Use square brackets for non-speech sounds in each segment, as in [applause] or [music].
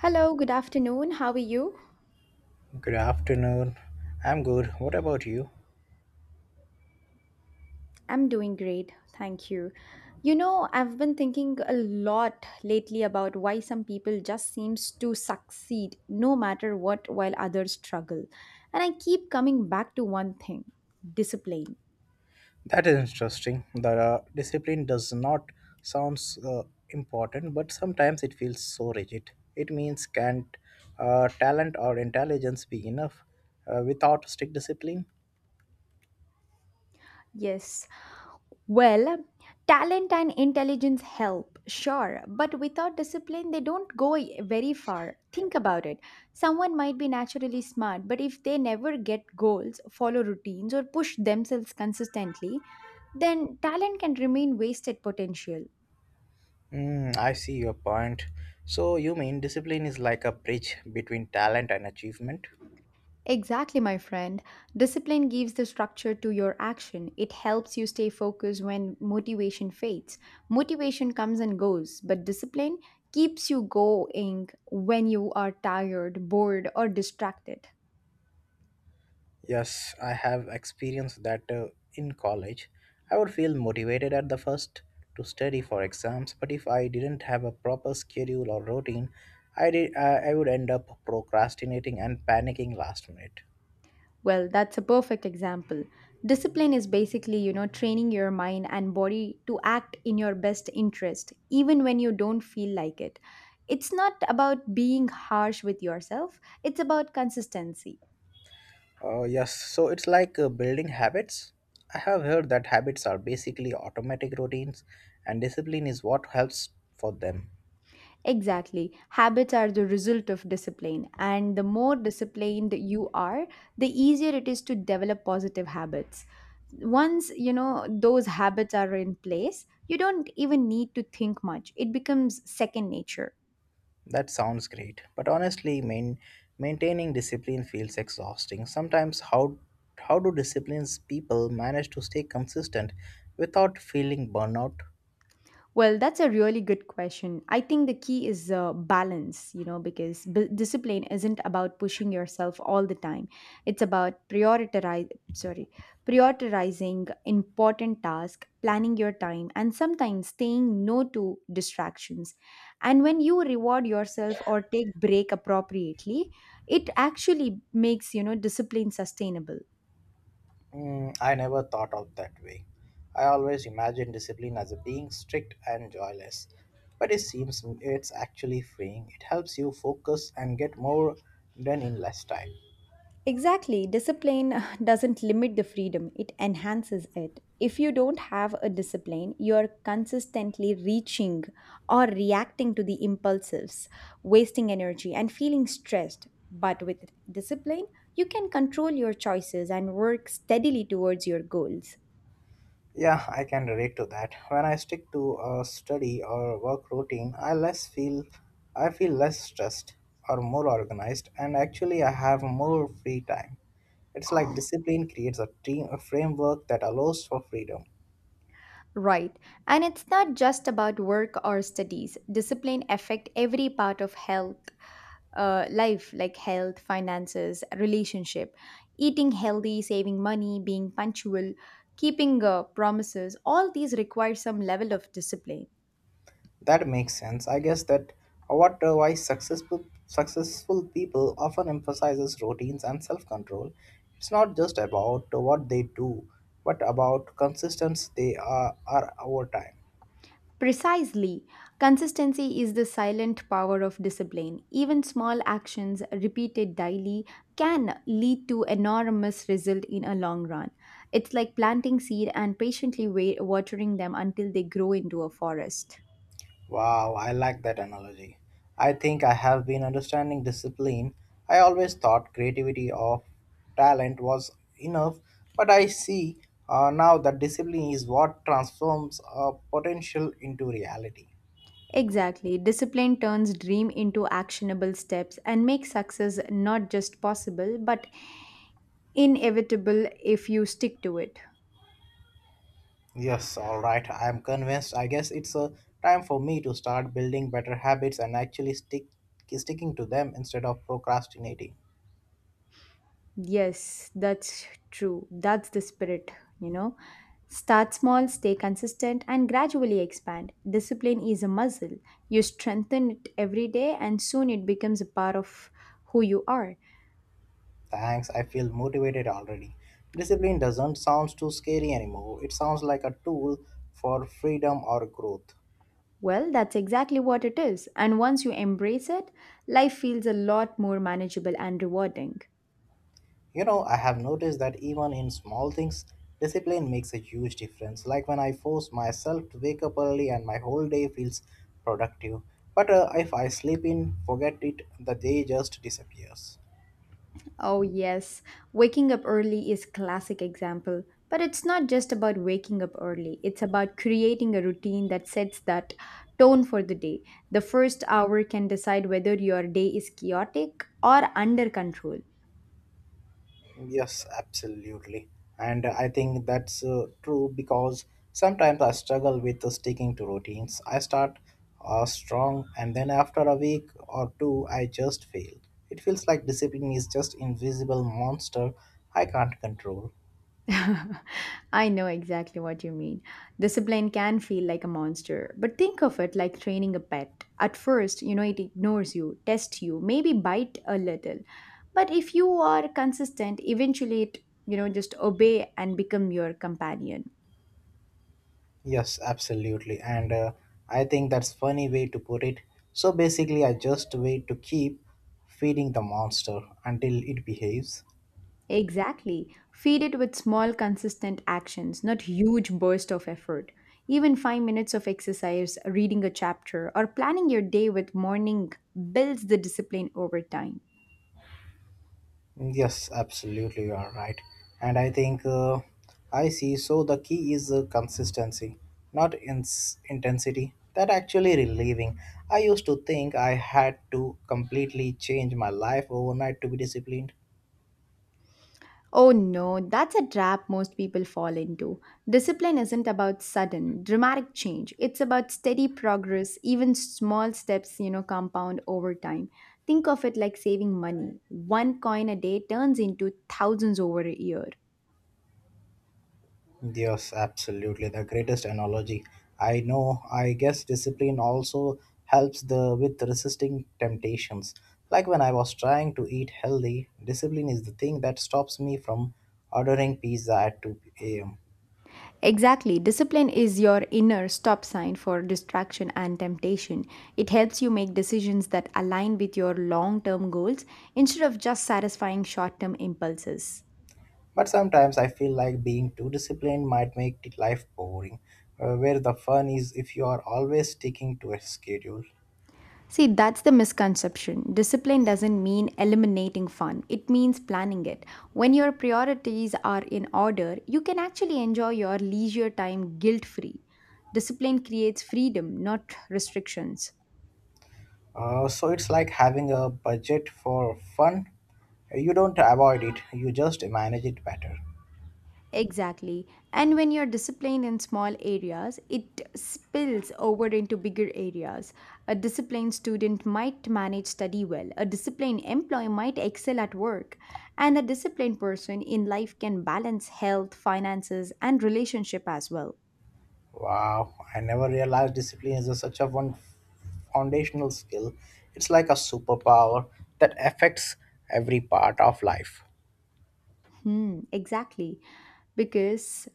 Hello, good afternoon. How are you? Good afternoon. I'm good. What about you? I'm doing great. Thank you. You know, I've been thinking a lot lately about why some people just seems to succeed no matter what while others struggle. And I keep coming back to one thing, discipline. That is interesting. The Discipline does not sounds important, but sometimes it feels so rigid. It means can't talent or intelligence be enough without strict discipline? Yes. Well, talent and intelligence help, sure, but without discipline, they don't very far. Think about it. Someone might be naturally smart, but if they never get goals, follow routines, or push themselves consistently, then talent can remain wasted potential. I see your point. So you mean discipline is like a bridge between talent and achievement? Exactly, my friend. Discipline gives the structure to your action. It helps you stay focused when motivation fades. Motivation comes and goes, but discipline keeps you going when you are tired, bored, or distracted. Yes, I have experienced that in college. I would feel motivated at the first to study for exams, but if I didn't have a proper schedule or routine, I would end up procrastinating and panicking last minute. Well, that's a perfect example. Discipline is basically, you know, training your mind and body to act in your best interest, even when you don't feel like it. It's not about being harsh with yourself, it's about consistency. Yes, so it's like building habits. I have heard that habits are basically automatic routines, and discipline is what helps for them. Exactly. Habits are the result of discipline, and the more disciplined you are, the easier it is to develop positive habits. Once you know those habits are in place, you don't even need to think much. It becomes second nature. That sounds great, but honestly, maintaining discipline feels exhausting. Sometimes, how do disciplines people manage to stay consistent without feeling burnout? Well, that's a really good question. I think the key is balance, you know, because discipline isn't about pushing yourself all the time. It's about prioritizing important tasks, planning your time, and sometimes saying no to distractions. And when you reward yourself or take break appropriately, it actually makes, you know, discipline sustainable. I never thought of that way. I always imagined discipline as being strict and joyless, but it seems it's actually freeing. It helps you focus and get more done in less time. Exactly. Discipline [sighs] doesn't limit the freedom, it enhances it. If you don't have a discipline, you're consistently reaching or reacting to the impulses, wasting energy, and feeling stressed. But with discipline, you can control your choices and work steadily towards your goals. Yeah, I can relate to that. When I stick to a study or work routine, I feel less stressed or more organized and actually I have more free time. It's like discipline creates a team a framework that allows for freedom. Right. And it's not just about work or studies. Discipline affect every part of life, like health, finances, relationship, eating healthy, saving money, being punctual, keeping promises. All these require some level of discipline. That makes sense. I guess that what why successful people often emphasizes routines and self-control. It's not just about what they do, but about consistency are over time. Precisely, consistency is the silent power of discipline. Even small actions repeated daily can lead to enormous result in a long run. It's like planting seed and patiently watering them until they grow into a forest. Wow, I like that analogy. I think I have been understanding discipline. I always thought creativity of talent was enough, but I see now that discipline is what transforms potential into reality. Exactly. Discipline turns dream into actionable steps and makes success not just possible but inevitable if you stick to it. Yes, all right, I am convinced. I guess it's a time for me to start building better habits and actually sticking to them instead of procrastinating. Yes, that's true. That's the spirit, you know. Start small, stay consistent, and gradually expand. Discipline is a muscle. You strengthen it every day, and soon it becomes a part of who you are. Thanks, I feel motivated already. Discipline doesn't sound too scary anymore. It sounds like a tool for freedom or growth. Well, that's exactly what it is. And once you embrace it, life feels a lot more manageable and rewarding. You know, I have noticed that even in small things, discipline makes a huge difference. Like when I force myself to wake up early and my whole day feels productive. But if I sleep in, forget it, the day just disappears. Oh, yes. Waking up early is classic example. But it's not just about waking up early. It's about creating a routine that sets that tone for the day. The first hour can decide whether your day is chaotic or under control. Yes, absolutely. And I think that's true because sometimes I struggle with sticking to routines. I start strong and then after a week or two, I just fail. It feels like discipline is just invisible monster I can't control. [laughs] I know exactly what you mean. Discipline can feel like a monster, but think of it like training a pet. At first, you know, it ignores you, tests you, maybe bite a little. But if you are consistent, eventually it, you know, just obey and become your companion. Yes, absolutely. And I think that's funny way to put it. So basically, I just wait to keep feeding the monster until it behaves. Exactly. Feed it with small, consistent actions, not huge bursts of effort. Even 5 minutes of exercise, reading a chapter, or planning your day with morning builds the discipline over time. Yes, absolutely, you are right. And I think I see. So the key is consistency, not ins intensity. That actually relieving. I used to think I had to completely change my life overnight to be disciplined. Oh no, that's a trap most people fall into. Discipline isn't about sudden, dramatic change. It's about steady progress, even small steps, you know, compound over time. Think of it like saving money. One coin a day turns into thousands over a year. Yes, absolutely. The greatest analogy. I know. I guess discipline also helps the with resisting temptations. Like when I was trying to eat healthy, discipline is the thing that stops me from ordering pizza at 2 a.m. Exactly. Discipline is your inner stop sign for distraction and temptation. It helps you make decisions that align with your long term goals instead of just satisfying short term impulses. But sometimes I feel like being too disciplined might make life boring, where the fun is if you are always sticking to a schedule. See, that's the misconception. Discipline doesn't mean eliminating fun, it means planning it. When your priorities are in order, you can actually enjoy your leisure time guilt free. Discipline creates freedom, not restrictions. So it's like having a budget for fun. You don't avoid it, you just manage it better. Exactly. And when you're disciplined in small areas, it spills over into bigger areas. A disciplined student might manage study well, a disciplined employee might excel at work, and a disciplined person in life can balance health, finances, and relationship as well. Wow, I never realized discipline is such a one foundational skill. It's like a superpower that affects every part of life. Hmm, exactly. Because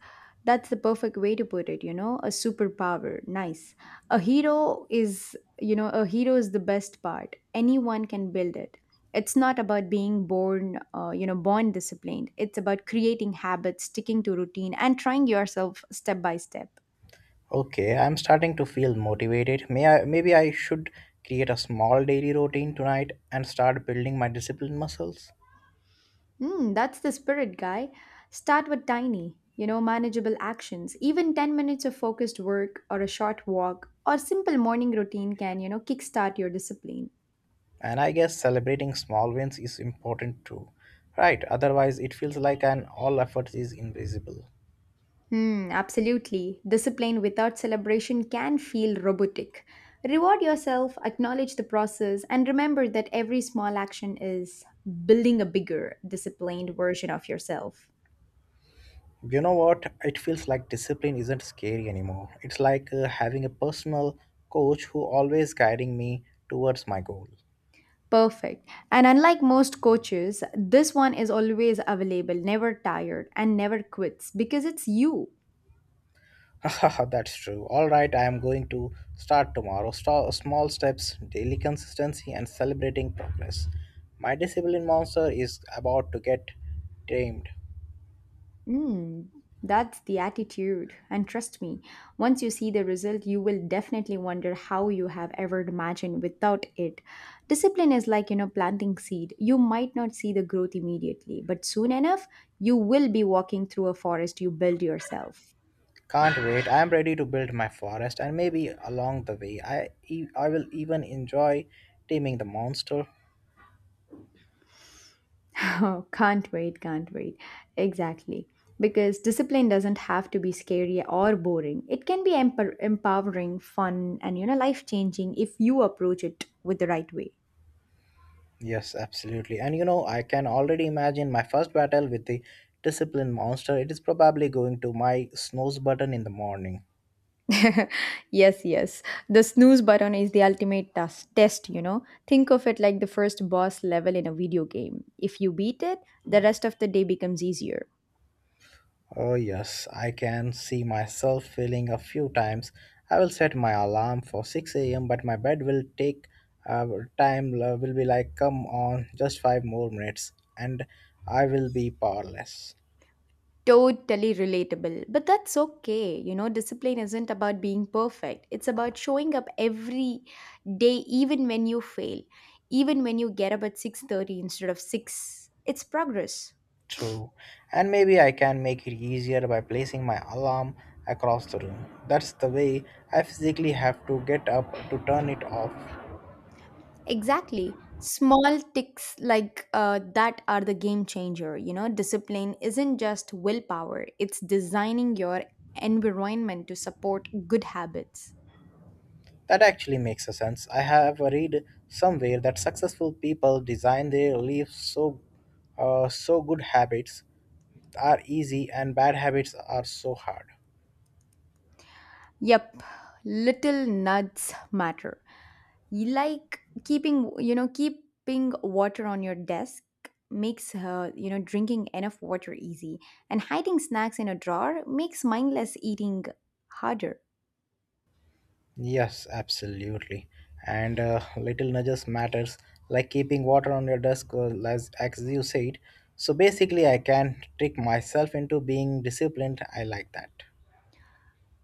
that's the perfect way to put it, you know, a superpower. Nice. A hero is, you know, a hero is the best part. Anyone can build it. It's not about being you know, born disciplined. It's about creating habits, sticking to routine, and trying yourself step by step. Okay, I'm starting to feel motivated. Maybe I should create a small daily routine tonight and start building my discipline muscles. Mm, that's the spirit, guy. Start with tiny, you know, manageable actions. Even 10 minutes of focused work or a short walk or simple morning routine can, you know, kickstart your discipline. And I guess celebrating small wins is important too. Right, otherwise it feels like an all effort is invisible. Hmm, absolutely. Discipline without celebration can feel robotic. Reward yourself, acknowledge the process, and remember that every small action is building a bigger, disciplined version of yourself. You know what? It feels like discipline isn't scary anymore. It's like having a personal coach who always guiding me towards my goal. Perfect. And unlike most coaches, this one is always available, never tired, and never quits because it's you. [laughs] That's true. All right, I am going to start tomorrow. Small steps, daily consistency, and celebrating progress. My discipline monster is about to get tamed. Mm, that's the attitude. And trust me, once you see the result, you will definitely wonder how you have ever imagined without it. Discipline is like, you know, planting seed. You might not see the growth immediately, but soon enough, you will be walking through a forest you build yourself. Can't wait. I am ready to build my forest, and maybe along the way, I will even enjoy taming the monster. [laughs] Oh, can't wait, can't wait. Exactly. Because discipline doesn't have to be scary or boring. It can be empowering, fun, and you know, life changing if you approach it with the right way. Yes, absolutely. And you know, I can already imagine my first battle with the discipline monster. It is probably going to my snooze button in the morning. [laughs] Yes, yes. The snooze button is the ultimate test, you know. Think of it like the first boss level in a video game. If you beat it, the rest of the day becomes easier. Oh, yes, I can see myself failing a few times. I will set my alarm for 6 a.m., but my bed will take uh, will be like, come on, just five more minutes, and I will be powerless. Totally relatable. But that's okay. You know, discipline isn't about being perfect, it's about showing up every day, even when you fail, even when you get up at 6:30 instead of 6. It's progress. True. And maybe I can make it easier by placing my alarm across the room. That's the way I physically have to get up to turn it off. Exactly. Small ticks like that are the game changer. You know, discipline isn't just willpower, it's designing your environment to support good habits. That actually makes a sense. I have read somewhere that successful people design their lives so so good habits are easy and bad habits are so hard. Yep, little nuts matter. You like keeping, you know, keeping water on your desk makes, you know, drinking enough water easy, and hiding snacks in a drawer makes mindless eating harder. Yes, absolutely. And little nudges matters, like keeping water on your desk, as you said. So basically, I can trick myself into being disciplined. I like that.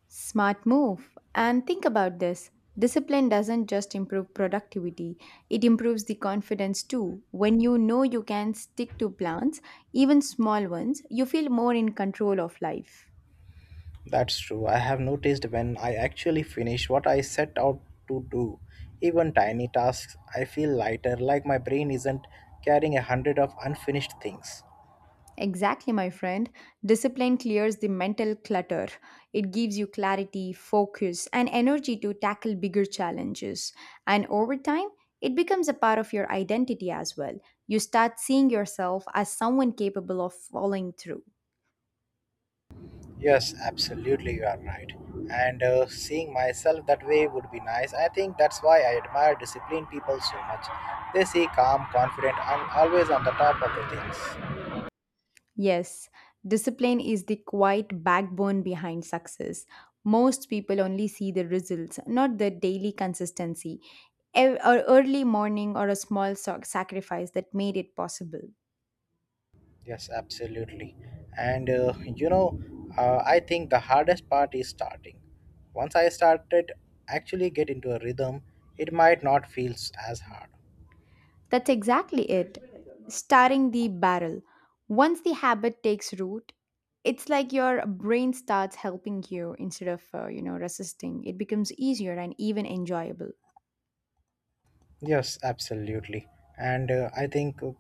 Smart move. And think about this, discipline doesn't just improve productivity, it improves the confidence too. When you know you can stick to plans, even small ones, you feel more in control of life. That's true. I have noticed when I actually finish what I set out to do, even tiny tasks, I feel lighter, like my brain isn't carrying a hundred of unfinished things. Exactly, my friend. Discipline clears the mental clutter. It gives you clarity, focus, and energy to tackle bigger challenges. And over time, it becomes a part of your identity as well. You start seeing yourself as someone capable of following through. Yes, absolutely, you are right. And seeing myself that way would be nice. I think that's why I admire disciplined people so much. They see calm, confident, and always on the top of the things. Yes, discipline is the quiet backbone behind success. Most people only see the results, not the daily consistency, or early morning, or a small sacrifice that made it possible. Yes, absolutely. And I think the hardest part is starting. Once I started, actually get into a rhythm, it might not feel as hard. That's exactly it. Starting the barrel. Once the habit takes root, it's like your brain starts helping you instead of, you know, resisting. It becomes easier and even enjoyable. Yes, absolutely. And uh, I think uh,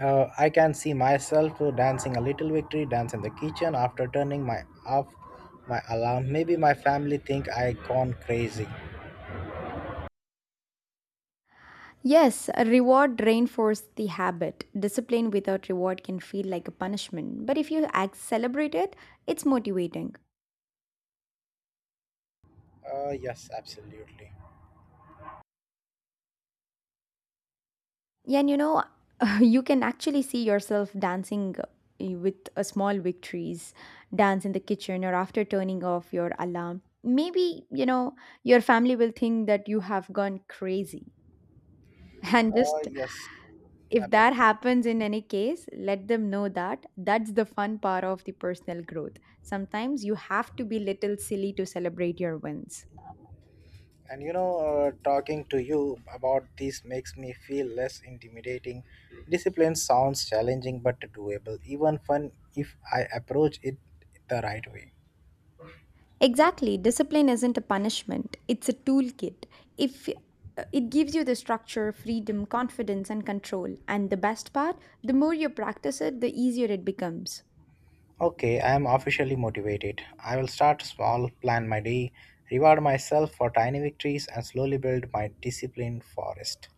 uh, I can see myself dancing a little victory dance in the kitchen after turning my off my alarm. Maybe my family think I gone crazy. Yes, a reward reinforces the habit. Discipline without reward can feel like a punishment, but if you act, celebrate it, it's motivating. Yes, absolutely. Yeah, and you know, [laughs] you can actually see yourself dancing with a small victories, dance in the kitchen or after turning off your alarm. Maybe, you know, your family will think that you have gone crazy. [laughs] And Uh, just yes, if that absolutely. happens in any case, let them know that that's the fun part of the personal growth. Sometimes you have to be little silly to celebrate your wins. And talking to you about this makes me feel less intimidating. Discipline sounds challenging but doable, even fun if I approach it the right way. Exactly. Discipline isn't a punishment, it's a toolkit. If It gives you the structure, freedom, confidence, and control. And the best part, the more you practice it, the easier it becomes. Okay, I am officially motivated. I will start small, plan my day, reward myself for tiny victories, and slowly build my disciplined forest.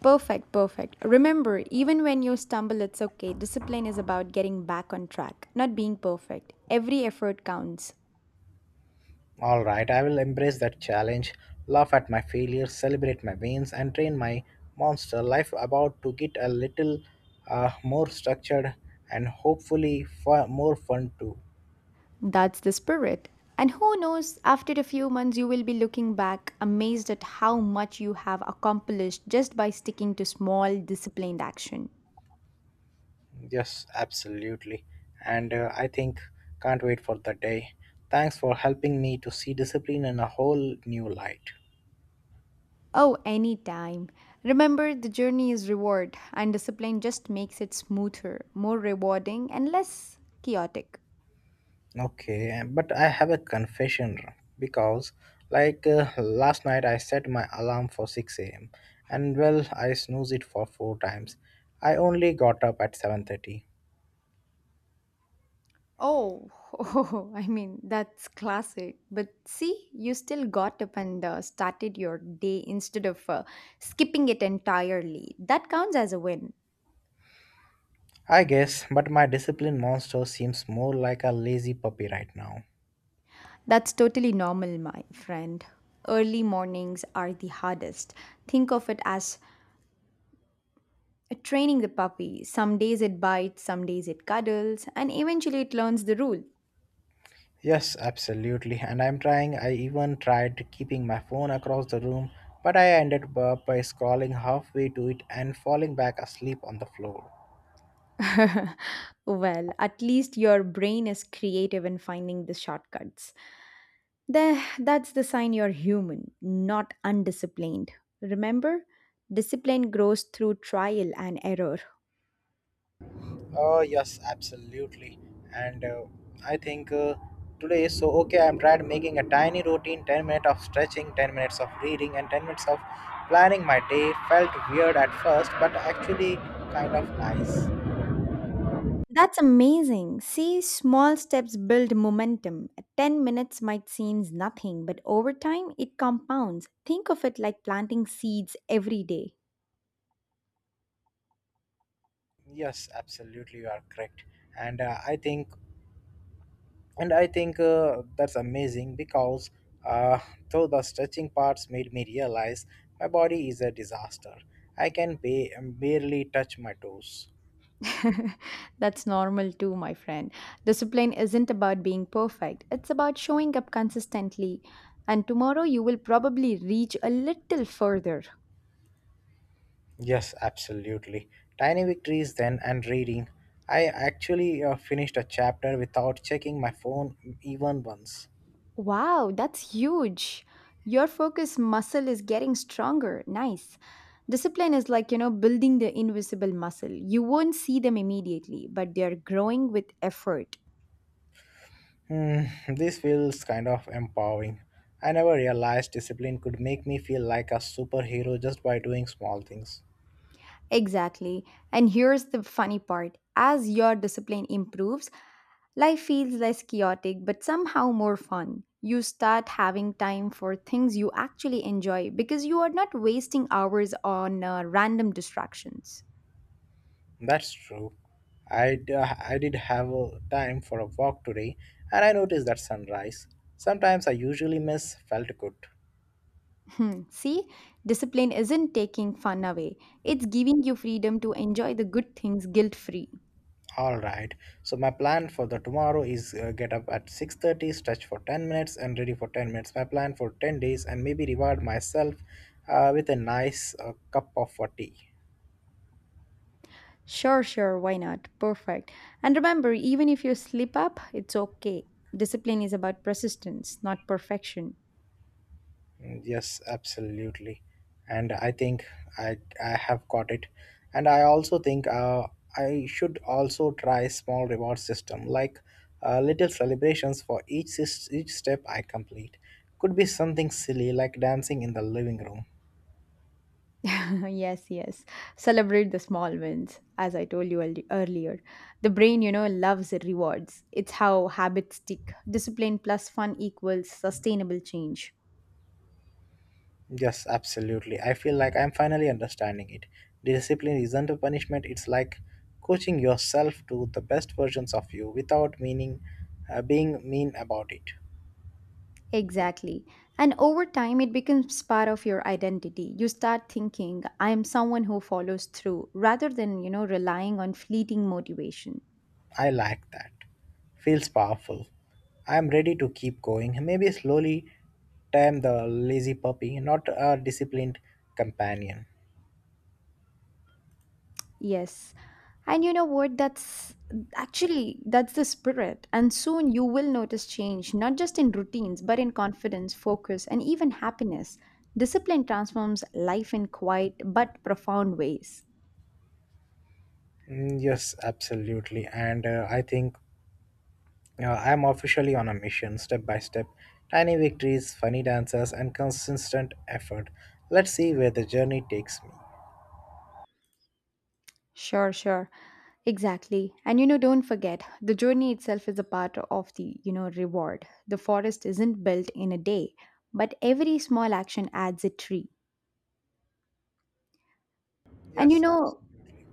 Perfect, perfect. Remember, even when you stumble, it's okay. Discipline is about getting back on track, not being perfect. Every effort counts. All right, I will embrace that challenge, laugh at my failures, celebrate my wins, and train my monster life about to get a little more structured and hopefully more fun too. That's the spirit. And who knows, after a few months, you will be looking back amazed at how much you have accomplished just by sticking to small, disciplined action. Yes, absolutely. And I think can't wait for the day. Thanks for helping me to see discipline in a whole new light. Oh, any time. Remember, the journey is reward, and discipline just makes it smoother, more rewarding, and less chaotic. Okay, but I have a confession because, last night I set my alarm for 6 a.m. and well, I snoozed it for four times. I only got up at 7:30. Oh, [laughs] oh, I mean, that's classic. But see, you still got up and started your day instead of skipping it entirely. That counts as a win. I guess, but my discipline monster seems more like a lazy puppy right now. That's totally normal, my friend. Early mornings are the hardest. Think of it as training the puppy. Some days it bites, some days it cuddles, and eventually it learns the rule. Yes, absolutely. And I'm trying, I even tried keeping my phone across the room, but I ended up by scrolling halfway to it and falling back asleep on the floor. [laughs] Well, at least your brain is creative in finding the shortcuts. That's the sign you're human, not undisciplined. Remember, discipline grows through trial and error. Oh, yes, absolutely. And I think today is so okay. I'm tried making a tiny routine 10 minutes of stretching, 10 minutes of reading, and 10 minutes of planning my day. Felt weird at first, but actually kind of nice. That's amazing. See, small steps build momentum. 10 minutes might seem nothing, but over time it compounds. Think of it like planting seeds every day. Yes, absolutely, you are correct. And uh, I think, and I think that's amazing because uh, though the stretching parts made me realize my body is a disaster, I can barely touch my toes. [laughs] That's normal too, my friend. Discipline isn't about being perfect, it's about showing up consistently. And tomorrow you will probably reach a little further. Yes, absolutely. Tiny victories then and reading. I actually finished a chapter without checking my phone even once. Wow, that's huge. Your focus muscle is getting stronger. Nice. Discipline is like, building the invisible muscle. You won't see them immediately, but they're growing with effort. Hmm, this feels kind of empowering. I never realized discipline could make me feel like a superhero just by doing small things. Exactly. And here's the funny part as your discipline improves, life feels less chaotic, but somehow more fun. You start having time for things you actually enjoy because you are not wasting hours on random distractions. That's true. I did have a time for a walk today and I noticed that sunrise. Sometimes I usually miss felt good. See, discipline isn't taking fun away, it's giving you freedom to enjoy the good things guilt free. All right. So my plan for the tomorrow is get up at 6:30, stretch for 10 minutes and ready for 10 minutes. My plan for 10 days and maybe reward myself with a nice cup of tea. Sure, sure, why not? Perfect. And remember, even if you slip up, it's okay. Discipline is about persistence, not perfection. Yes, absolutely. And I think I I have got it. And I also think I should also try small reward system like little celebrations for each step I complete. Could be something silly like dancing in the living room. [laughs] Yes, yes. Celebrate the small wins, as I told you earlier. The brain, loves rewards. It's how habits stick. Discipline plus fun equals sustainable change. Yes, absolutely. I feel like I'm finally understanding it. Discipline isn't a punishment, it's like coaching yourself to the best versions of you without meaning being mean about it. Exactly. And over time, it becomes part of your identity. You start thinking, I am someone who follows through rather than, relying on fleeting motivation. I like that. Feels powerful. I'm ready to keep going. Maybe slowly tame the lazy puppy, not a disciplined companion. Yes. And you know what? That's the spirit. And soon you will notice change, not just in routines, but in confidence, focus, and even happiness. Discipline transforms life in quiet but profound ways. Yes, absolutely. And I think I'm officially on a mission, step by step. Tiny victories, funny dances, and consistent effort. Let's see where the journey takes me. Sure, sure. Exactly. Don't forget, the journey itself is a part of the, reward. The forest isn't built in a day, but every small action adds a tree. And you Yes, know, absolutely.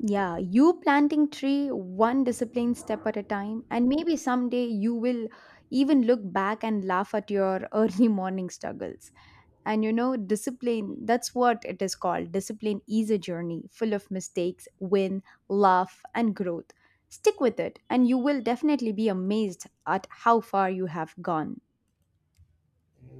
Yeah, you planting tree one disciplined step at a time, and maybe someday you will even look back and laugh at your [laughs] early morning struggles. Discipline that's what it is called. Discipline is a journey full of mistakes, win, laugh, and growth. Stick with it, and you will definitely be amazed at how far you have gone.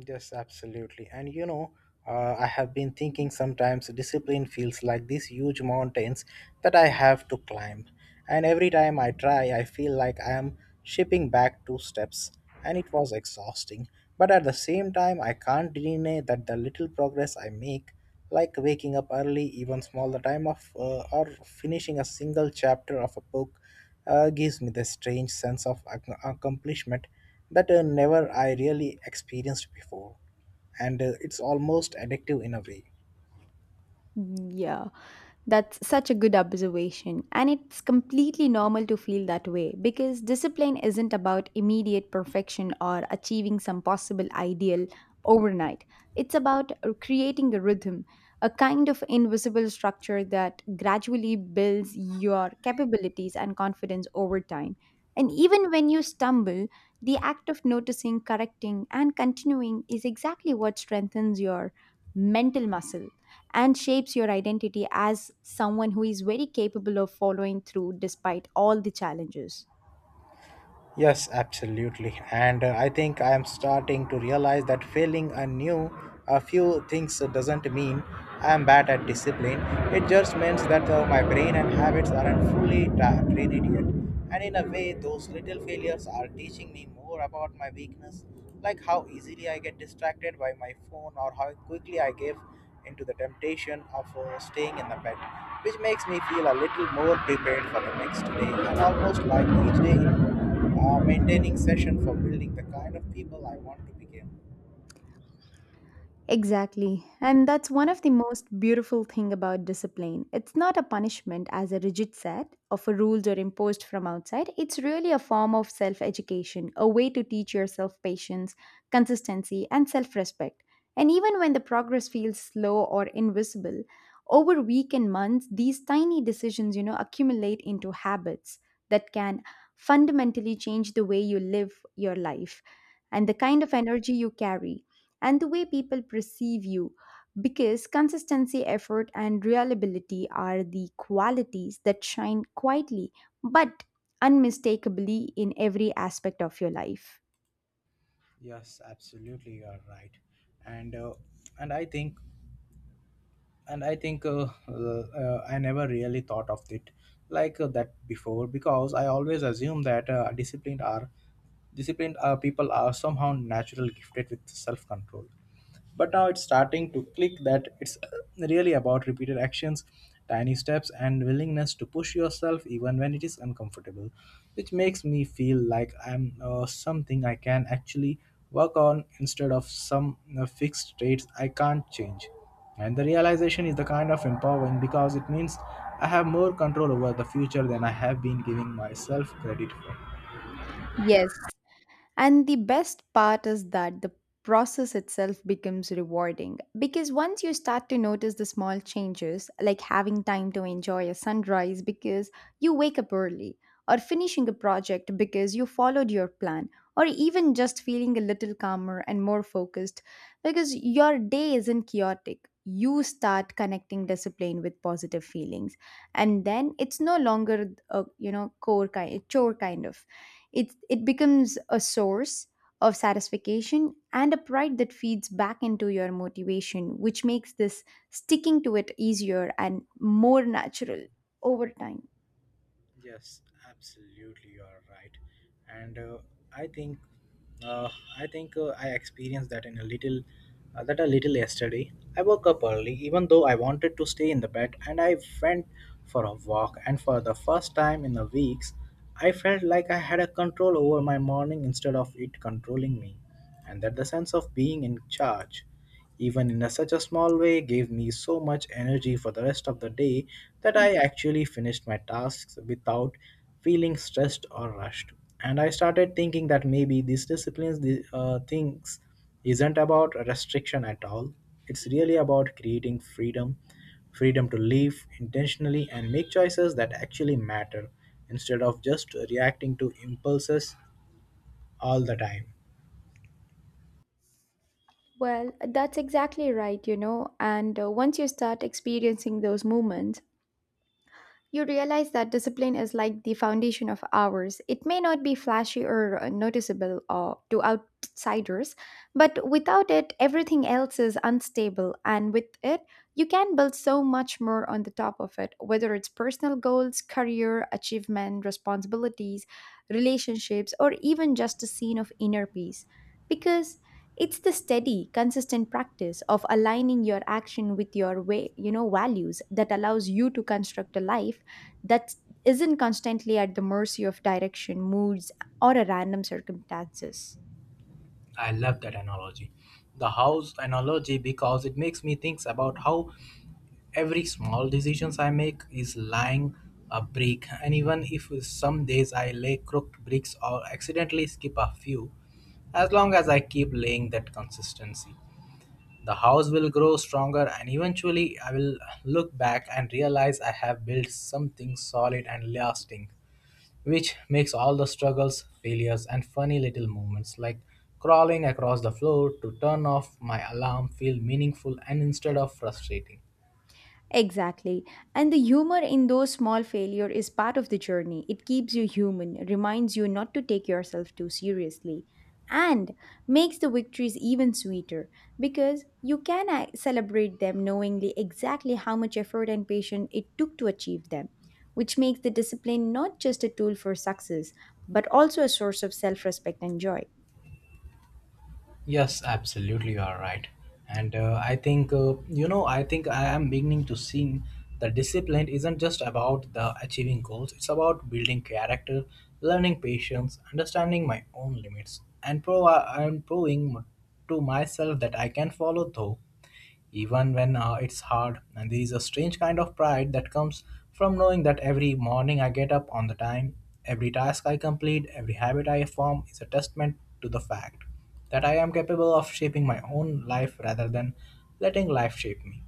Yes, absolutely. And you know, I have been thinking sometimes discipline feels like these huge mountains that I have to climb. And every time I try, I feel like I am shipping back two steps. And it was exhausting. But at the same time, I can't deny that the little progress I make, like waking up early, even small the time of, or finishing a single chapter of a book, gives me the strange sense of accomplishment that never I really experienced before, and it's almost addictive in a way. Yeah, that's such a good observation. And it's completely normal to feel that way because discipline isn't about immediate perfection or achieving some possible ideal overnight. It's about creating a rhythm, a kind of invisible structure that gradually builds your capabilities and confidence over time. And even when you stumble, the act of noticing, correcting, and continuing is exactly what strengthens your mental muscle and shapes your identity as someone who is very capable of following through despite all the challenges. Yes, absolutely. And I think I am starting to realize that failing a new a few things doesn't mean I am bad at discipline. It just means that my brain and habits aren't fully trained yet. And in a way, those little failures are teaching me more about my weakness, like how easily I get distracted by my phone or how quickly I give into the temptation of staying in the bed, which makes me feel a little more prepared for the next day and almost like each day maintaining session for building the kind of people I want to become. Exactly. And that's one of the most beautiful thing about discipline. It's not a punishment as a rigid set of rules or imposed from outside. It's really a form of self-education, a way to teach yourself patience, consistency, and self-respect. And even when the progress feels slow or invisible, over week and months, these tiny decisions, accumulate into habits that can fundamentally change the way you live your life and the kind of energy you carry and the way people perceive you because consistency, effort, and reliability are the qualities that shine quietly but unmistakably in every aspect of your life. Yes, absolutely, you are right, and uh, and I think and I think uh, I never really thought of it like that before because I always assume that disciplined people are somehow natural gifted with self control, but now it's starting to click that it's really about repeated actions, tiny steps, and willingness to push yourself even when it is uncomfortable, which makes me feel like I'm something I can actually work on instead of some fixed traits I can't change. And the realization is the kind of empowering because it means I have more control over the future than I have been giving myself credit for. Yes, and the best part is that the process itself becomes rewarding because once you start to notice the small changes, like having time to enjoy a sunrise because you wake up early, or finishing a project because you followed your plan, or even just feeling a little calmer and more focused because your day isn't chaotic. You start connecting discipline with positive feelings, and then it's no longer a core kind chore kind of it becomes a source of satisfaction and a pride that feeds back into your motivation, which makes this sticking to it easier and more natural over time. Yes, absolutely, you are right. And I think, uh, I think I experienced that in a little, that a little yesterday. I woke up early, even though I wanted to stay in the bed, and I went for a walk. And for the first time in the weeks, I felt like I had a control over my morning instead of it controlling me, and that the sense of being in charge, even in a, such a small way, gave me so much energy for the rest of the day that I actually finished my tasks without feeling stressed or rushed. And I started thinking that maybe these disciplines, the things, isn't about restriction at all. It's really about creating freedom, freedom to live intentionally and make choices that actually matter instead of just reacting to impulses all the time. Well, that's exactly right. And once you start experiencing those moments, you realize that discipline is like the foundation of ours. It may not be flashy or noticeable to outsiders, but without it, everything else is unstable. And with it, you can build so much more on the top of it, whether it's personal goals, career, achievement, responsibilities, relationships, or even just a scene of inner peace. Because it's the steady consistent practice of aligning your action with your way values that allows you to construct a life that isn't constantly at the mercy of direction, moods, or a random circumstances. I love that analogy. The house analogy, because it makes me think about how every small decisions I make is lying a brick, and even if some days I lay crooked bricks or accidentally skip a few, as long as I keep laying that consistency. The house will grow stronger and eventually I will look back and realize I have built something solid and lasting, which makes all the struggles, failures, and funny little moments like crawling across the floor to turn off my alarm feel meaningful and instead of frustrating. Exactly. And the humor in those small failure is part of the journey. It keeps you human, reminds you not to take yourself too seriously, and makes the victories even sweeter because you can celebrate them knowingly exactly how much effort and patience it took to achieve them, which makes the discipline not just a tool for success, but also a source of self-respect and joy. Yes, absolutely, you are right. And I think, you know, I think I am beginning to see that discipline isn't just about the achieving goals, it's about building character, learning patience, understanding my own limits, and, and proving to myself that I can follow through even when it's hard. And there is a strange kind of pride that comes from knowing that every morning I get up on the time, every task I complete, every habit I form is a testament to the fact that I am capable of shaping my own life rather than letting life shape me.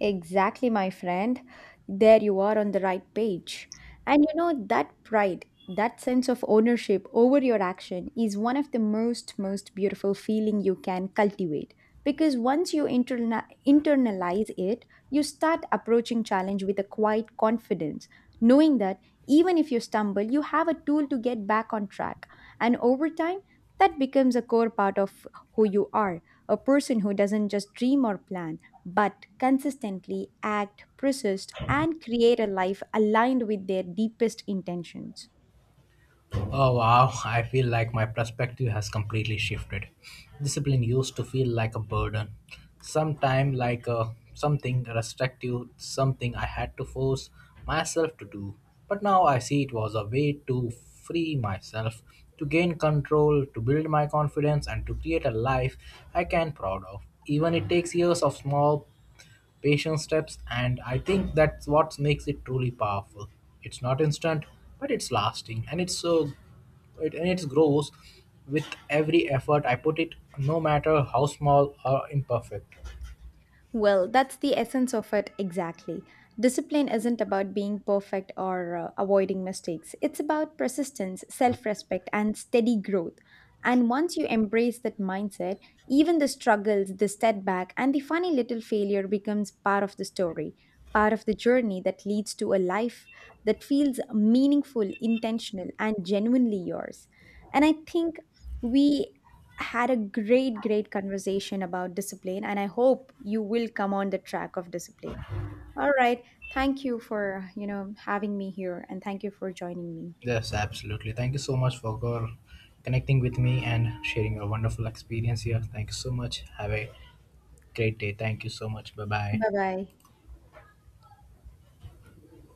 Exactly, my friend. There you are on the right page. That pride, that sense of ownership over your action is one of the most beautiful feeling you can cultivate. Because once you internalize it, you start approaching challenge with a quiet confidence, knowing that even if you stumble, you have a tool to get back on track. And over time, that becomes a core part of who you are, a person who doesn't just dream or plan but consistently act, persist, and create a life aligned with their deepest intentions. Oh wow, I feel like my perspective has completely shifted. Discipline used to feel like a burden, sometime like a, something restrictive, something I had to force myself to do. But now I see it was a way to free myself, to gain control, to build my confidence, and to create a life I can proud of. Even it takes years of small patient steps, and I think that's what makes it truly powerful. It's not instant, but it's lasting, and it's so, and it grows with every effort I put it, no matter how small or imperfect. Well, that's the essence of it exactly. Discipline isn't about being perfect or avoiding mistakes. It's about persistence, self respect, and steady growth. And once you embrace that mindset, even the struggles, the setback, and the funny little failure becomes part of the story, part of the journey that leads to a life that feels meaningful, intentional, and genuinely yours. And I think we had a great, great conversation about discipline, and I hope you will come on the track of discipline. All right. Thank you for, having me here and thank you for joining me. Yes, absolutely, thank you so much for connecting with me and sharing your wonderful experience here. Thank you so much, have a great day. Thank you so much, bye bye. Bye bye.